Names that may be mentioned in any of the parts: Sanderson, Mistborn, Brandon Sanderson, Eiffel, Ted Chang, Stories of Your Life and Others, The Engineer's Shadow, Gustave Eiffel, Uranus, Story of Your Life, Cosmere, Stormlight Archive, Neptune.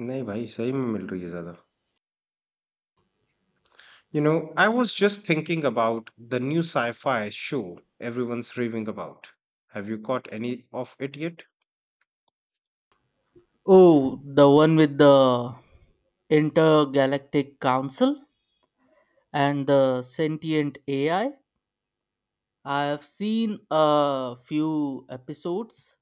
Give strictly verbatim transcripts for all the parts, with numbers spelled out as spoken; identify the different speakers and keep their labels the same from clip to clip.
Speaker 1: नहीं भाई सही में मिल रही है ज्यादा you know I was just thinking about the new sci-fi show everyone's raving about. Have you caught any of it yet?
Speaker 2: Oh, the one with the Intergalactic Council and the sentient A I. I I have seen a few episodes.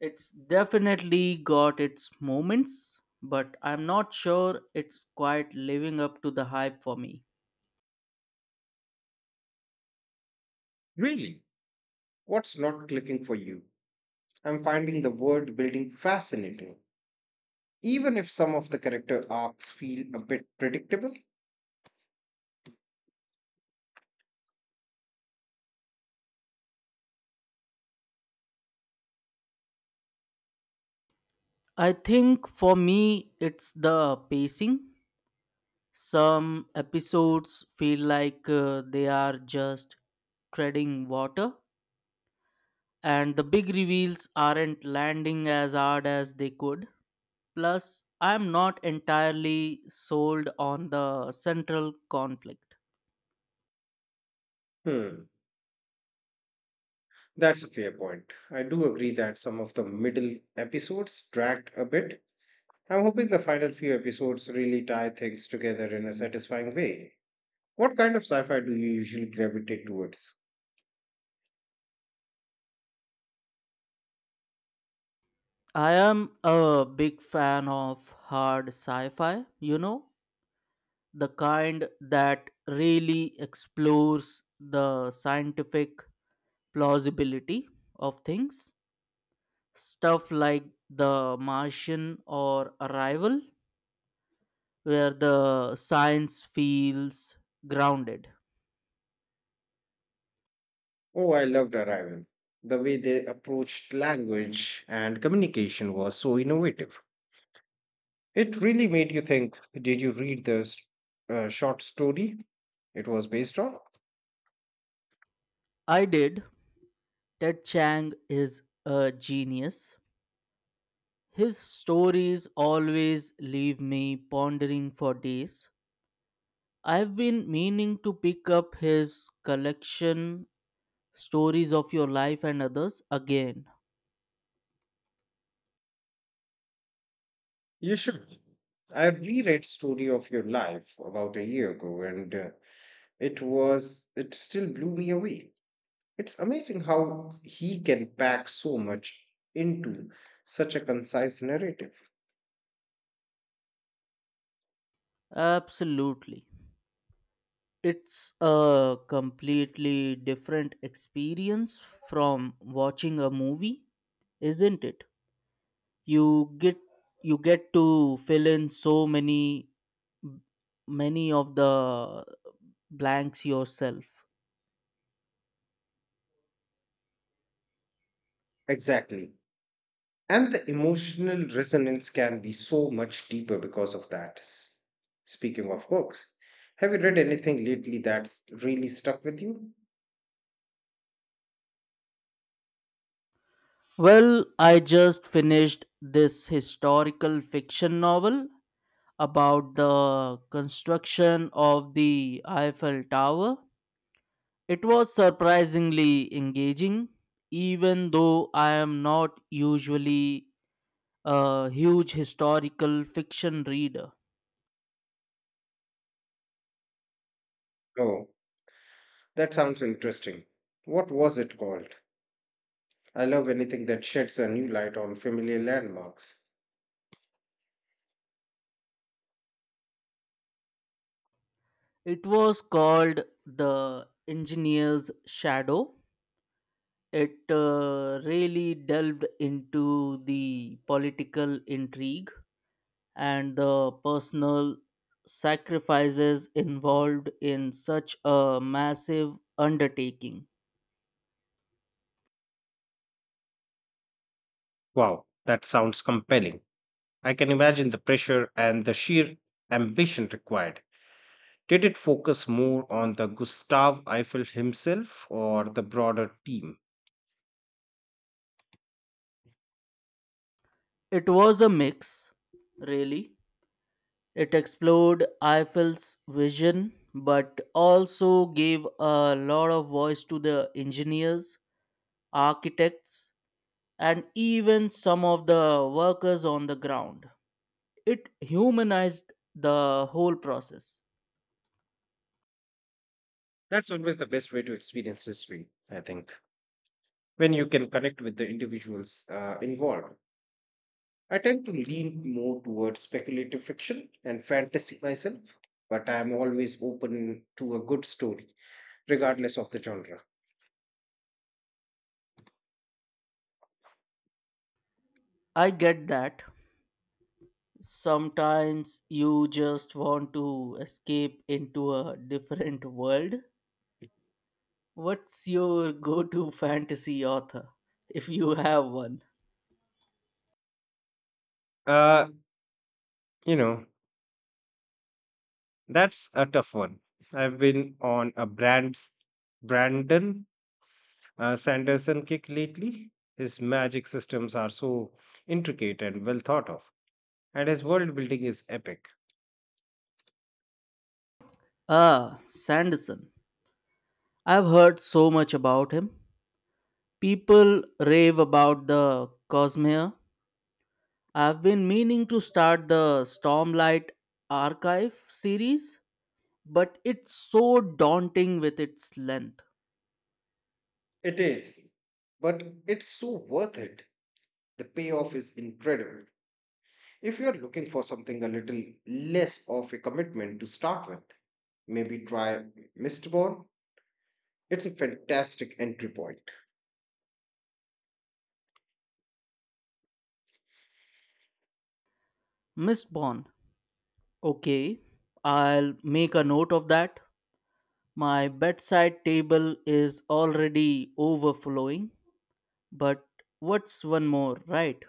Speaker 2: It's definitely got its moments, but I'm not sure it's quite living up to the hype for me.
Speaker 1: Really? What's not clicking for you? I'm finding the world building fascinating, even if some of the character arcs feel a bit predictable.
Speaker 2: I think for me, it's the pacing. Some episodes feel like uh, they are just treading water and the big reveals aren't landing as hard as they could. Plus, I'm not entirely sold on the central conflict.
Speaker 1: Hmm, that's a fair point. I do agree that some of the middle episodes dragged a bit. I'm hoping the final few episodes really tie things together in a satisfying way. What kind of sci fi do you usually gravitate towards?
Speaker 2: I am a big fan of hard sci fi, you know, the kind that really explores the scientific plausibility of things. Stuff like The Martian or Arrival, where the science feels grounded.
Speaker 1: Oh, I loved Arrival. The way they approached language and communication was so innovative. It really made you think. Did you read the s- uh, short story it was based on?
Speaker 2: I did. Ted Chang is a genius. His stories always leave me pondering for days. I've been meaning to pick up his collection, Stories of Your Life and Others, again.
Speaker 1: You should. I reread Story of Your Life about a year ago, and uh, it was it still blew me away. It's amazing how he can pack so much into such a concise narrative.
Speaker 2: Absolutely. It's a completely different experience from watching a movie, isn't it? You get you get to fill in so many m- many of the blanks yourself.
Speaker 1: Exactly. And the emotional resonance can be so much deeper because of that. S- Speaking of books, have you read anything lately that's really stuck with you?
Speaker 2: Well, I just finished this historical fiction novel about the construction of the Eiffel Tower. It was surprisingly engaging, even though I am not usually a huge historical fiction reader.
Speaker 1: Oh, that sounds interesting. What was it called? I love anything that sheds a new light on familiar landmarks.
Speaker 2: It was called The Engineer's Shadow. It uh, really delved into the political intrigue and the personal sacrifices involved in such a massive undertaking.
Speaker 1: Wow, that sounds compelling. I can imagine the pressure and the sheer ambition required. Did it focus more on the Gustave Eiffel himself or the broader team?
Speaker 2: It was a mix, really. It explored Eiffel's vision but also gave a lot of voice to the engineers, architects, and even some of the workers on the ground. It humanized the whole process.
Speaker 1: That's always the best way to experience history, I think, when you can connect with the individuals uh, involved. I tend to lean more towards speculative fiction and fantasy myself, but I am always open to a good story, regardless of the genre.
Speaker 2: I get that. Sometimes you just want to escape into a different world. What's your go to fantasy author, if you have one?
Speaker 1: Uh, you know, that's a tough one. I've been on a Brands Brandon uh, Sanderson kick lately. His magic systems are so intricate and well thought of, and his world building is epic.
Speaker 2: Ah, Sanderson. I've heard so much about him. People rave about the Cosmere. I've been meaning to start the Stormlight Archive series, but it's so daunting with its length.
Speaker 1: It is, but it's so worth it. The payoff is incredible. If you're looking for something a little less of a commitment to start with, maybe try Mistborn. It's a fantastic entry point.
Speaker 2: Mistborn. Okay, I'll make a note of that. My bedside table is already overflowing, but what's one more, right?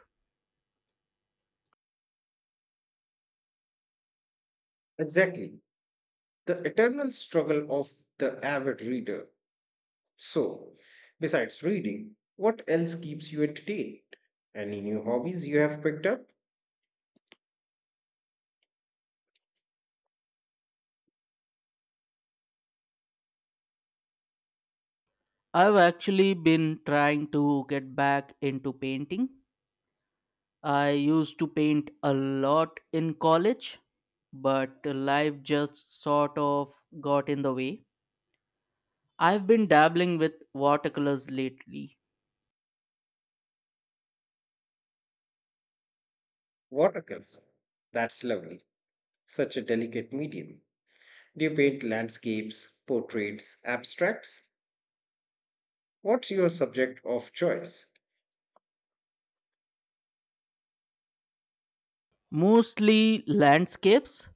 Speaker 1: Exactly. The eternal struggle of the avid reader. So, besides reading, what else keeps you entertained? Any new hobbies you have picked up?
Speaker 2: I've actually been trying to get back into painting. I used to paint a lot in college, but life just sort of got in the way. I've been dabbling with watercolors lately.
Speaker 1: What a gift. That's lovely, such a delicate medium. Do you paint landscapes, portraits, abstracts? What's your subject of choice?
Speaker 2: Mostly landscapes.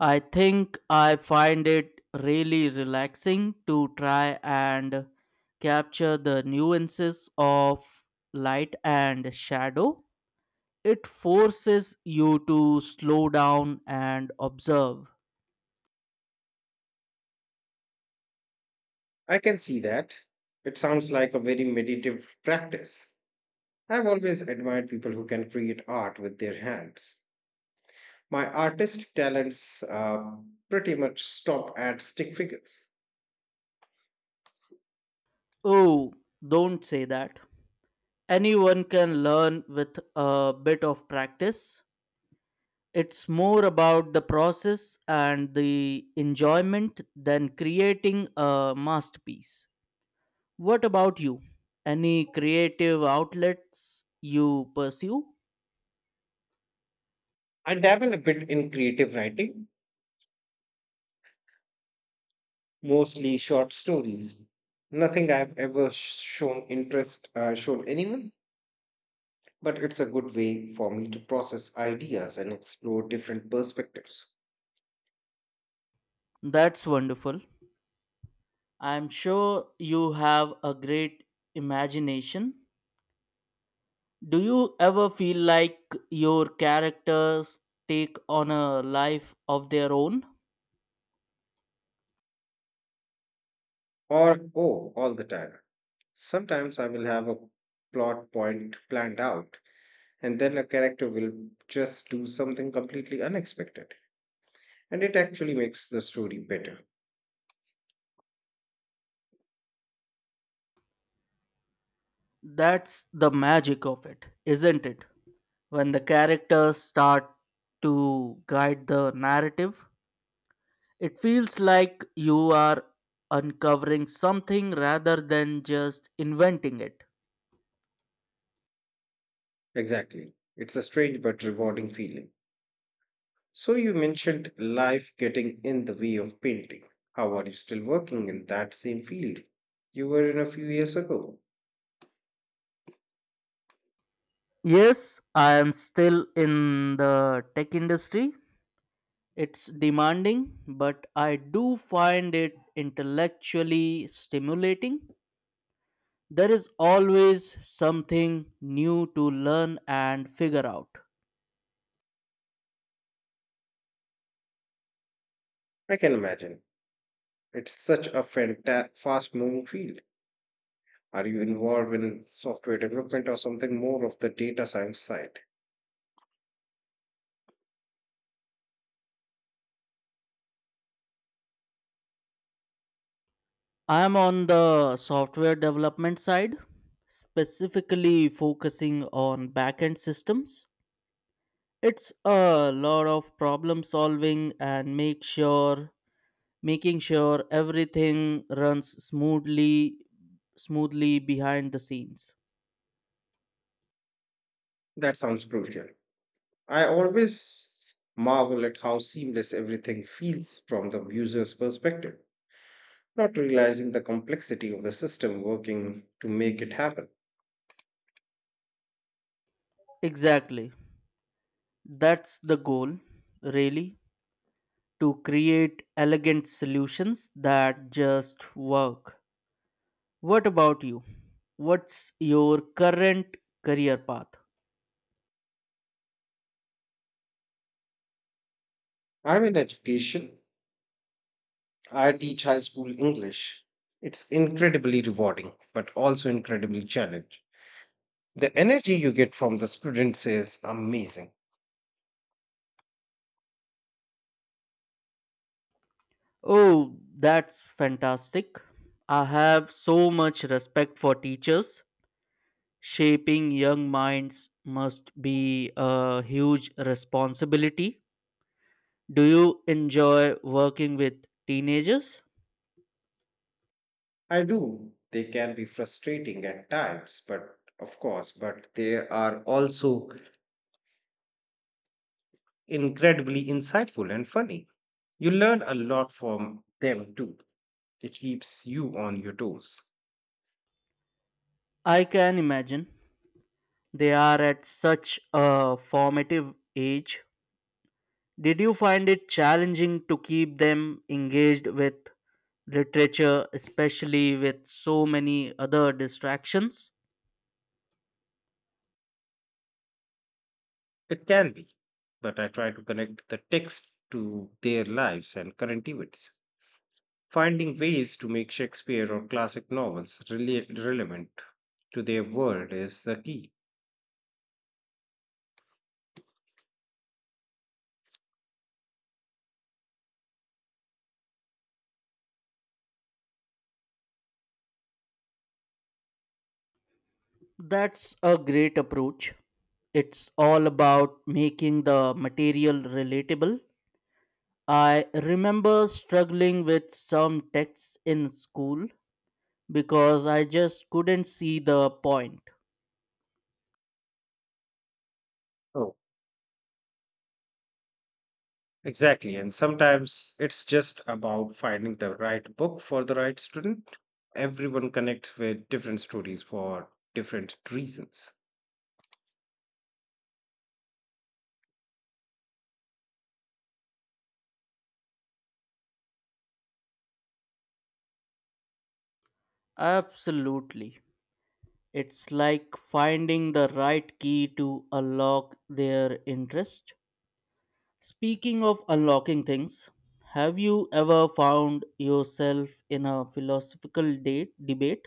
Speaker 2: I think I find it really relaxing to try and capture the nuances of light and shadow. It forces you to slow down and observe.
Speaker 1: I can see that. It sounds like a very meditative practice. I've always admired people who can create art with their hands. My artistic talents uh, pretty much stop at stick figures.
Speaker 2: Oh, don't say that. Anyone can learn with a bit of practice. It's more about the process and the enjoyment than creating a masterpiece. What about you? Any creative outlets you pursue?
Speaker 1: I dabble a bit in creative writing, mostly short stories. Nothing I've ever sh- shown interest, uh, shown anyone, but it's a good way for me to process ideas and explore different perspectives.
Speaker 2: That's wonderful. I'm sure you have a great imagination. Do you ever feel like your characters take on a life of their own?
Speaker 1: Or, oh, all the time. Sometimes I will have a plot point planned out, and then a character will just do something completely unexpected, and it actually makes the story better.
Speaker 2: That's the magic of it, isn't it? When the characters start to guide the narrative, it feels like you are uncovering something rather than just inventing it.
Speaker 1: Exactly. It's a strange but rewarding feeling. So you mentioned life getting in the way of painting. How are you still working in that same field you were in a few years ago?
Speaker 2: Yes, I am still in the tech industry. It's demanding, but I do find it intellectually stimulating. There is always something new to learn and figure out.
Speaker 1: I can imagine. It's such a fanta- fast-moving field. Are you involved in software development or something more of the data science side?
Speaker 2: I am on the software development side, specifically focusing on backend systems. It's a lot of problem solving and make sure making sure everything runs smoothly smoothly behind the scenes.
Speaker 1: That sounds crucial. I always marvel at how seamless everything feels from the user's perspective, not realizing the complexity of the system working to make it happen.
Speaker 2: Exactly, that's the goal, really, to create elegant solutions that just work. What about you? What's your current career path?
Speaker 1: I'm in education. I teach high school English. It's incredibly rewarding, but also incredibly challenging. The energy you get from the students is amazing.
Speaker 2: Oh, that's fantastic. I have so much respect for teachers. Shaping young minds must be a huge responsibility. Do you enjoy working with teenagers?
Speaker 1: I do. They can be frustrating at times, but of course, but they are also incredibly insightful and funny. You learn a lot from them too. It keeps you on your toes.
Speaker 2: I can imagine. They are at such a formative age. Did you find it challenging to keep them engaged with literature, especially with so many other distractions?
Speaker 1: It can be, but I try to connect the text to their lives and current events. Finding ways to make Shakespeare or classic novels rela- relevant to their world is the key.
Speaker 2: That's a great approach. It's all about making the material relatable. I remember struggling with some texts in school because I just couldn't see the point.
Speaker 1: Oh. Exactly. And sometimes it's just about finding the right book for the right student. Everyone connects with different stories for different reasons.
Speaker 2: Absolutely. It's like finding the right key to unlock their interest. Speaking of unlocking things, have you ever found yourself in a philosophical date, debate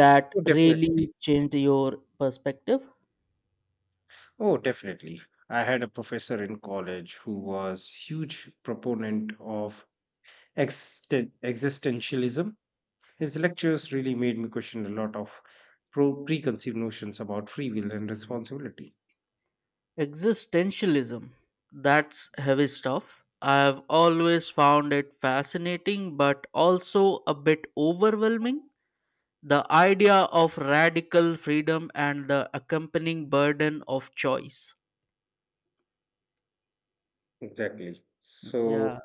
Speaker 2: that
Speaker 1: Oh, definitely.
Speaker 2: really changed your perspective?
Speaker 1: Oh, definitely. I had a professor in college who was huge proponent of existen- existentialism. His lectures really made me question a lot of pro- preconceived notions about free will and responsibility.
Speaker 2: Existentialism. That's heavy stuff. I've always found it fascinating but also a bit overwhelming. The idea of radical freedom and the accompanying burden of choice.
Speaker 1: Exactly.
Speaker 2: Yeah,
Speaker 1: So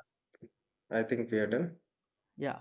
Speaker 1: I think we are done.
Speaker 2: yeah.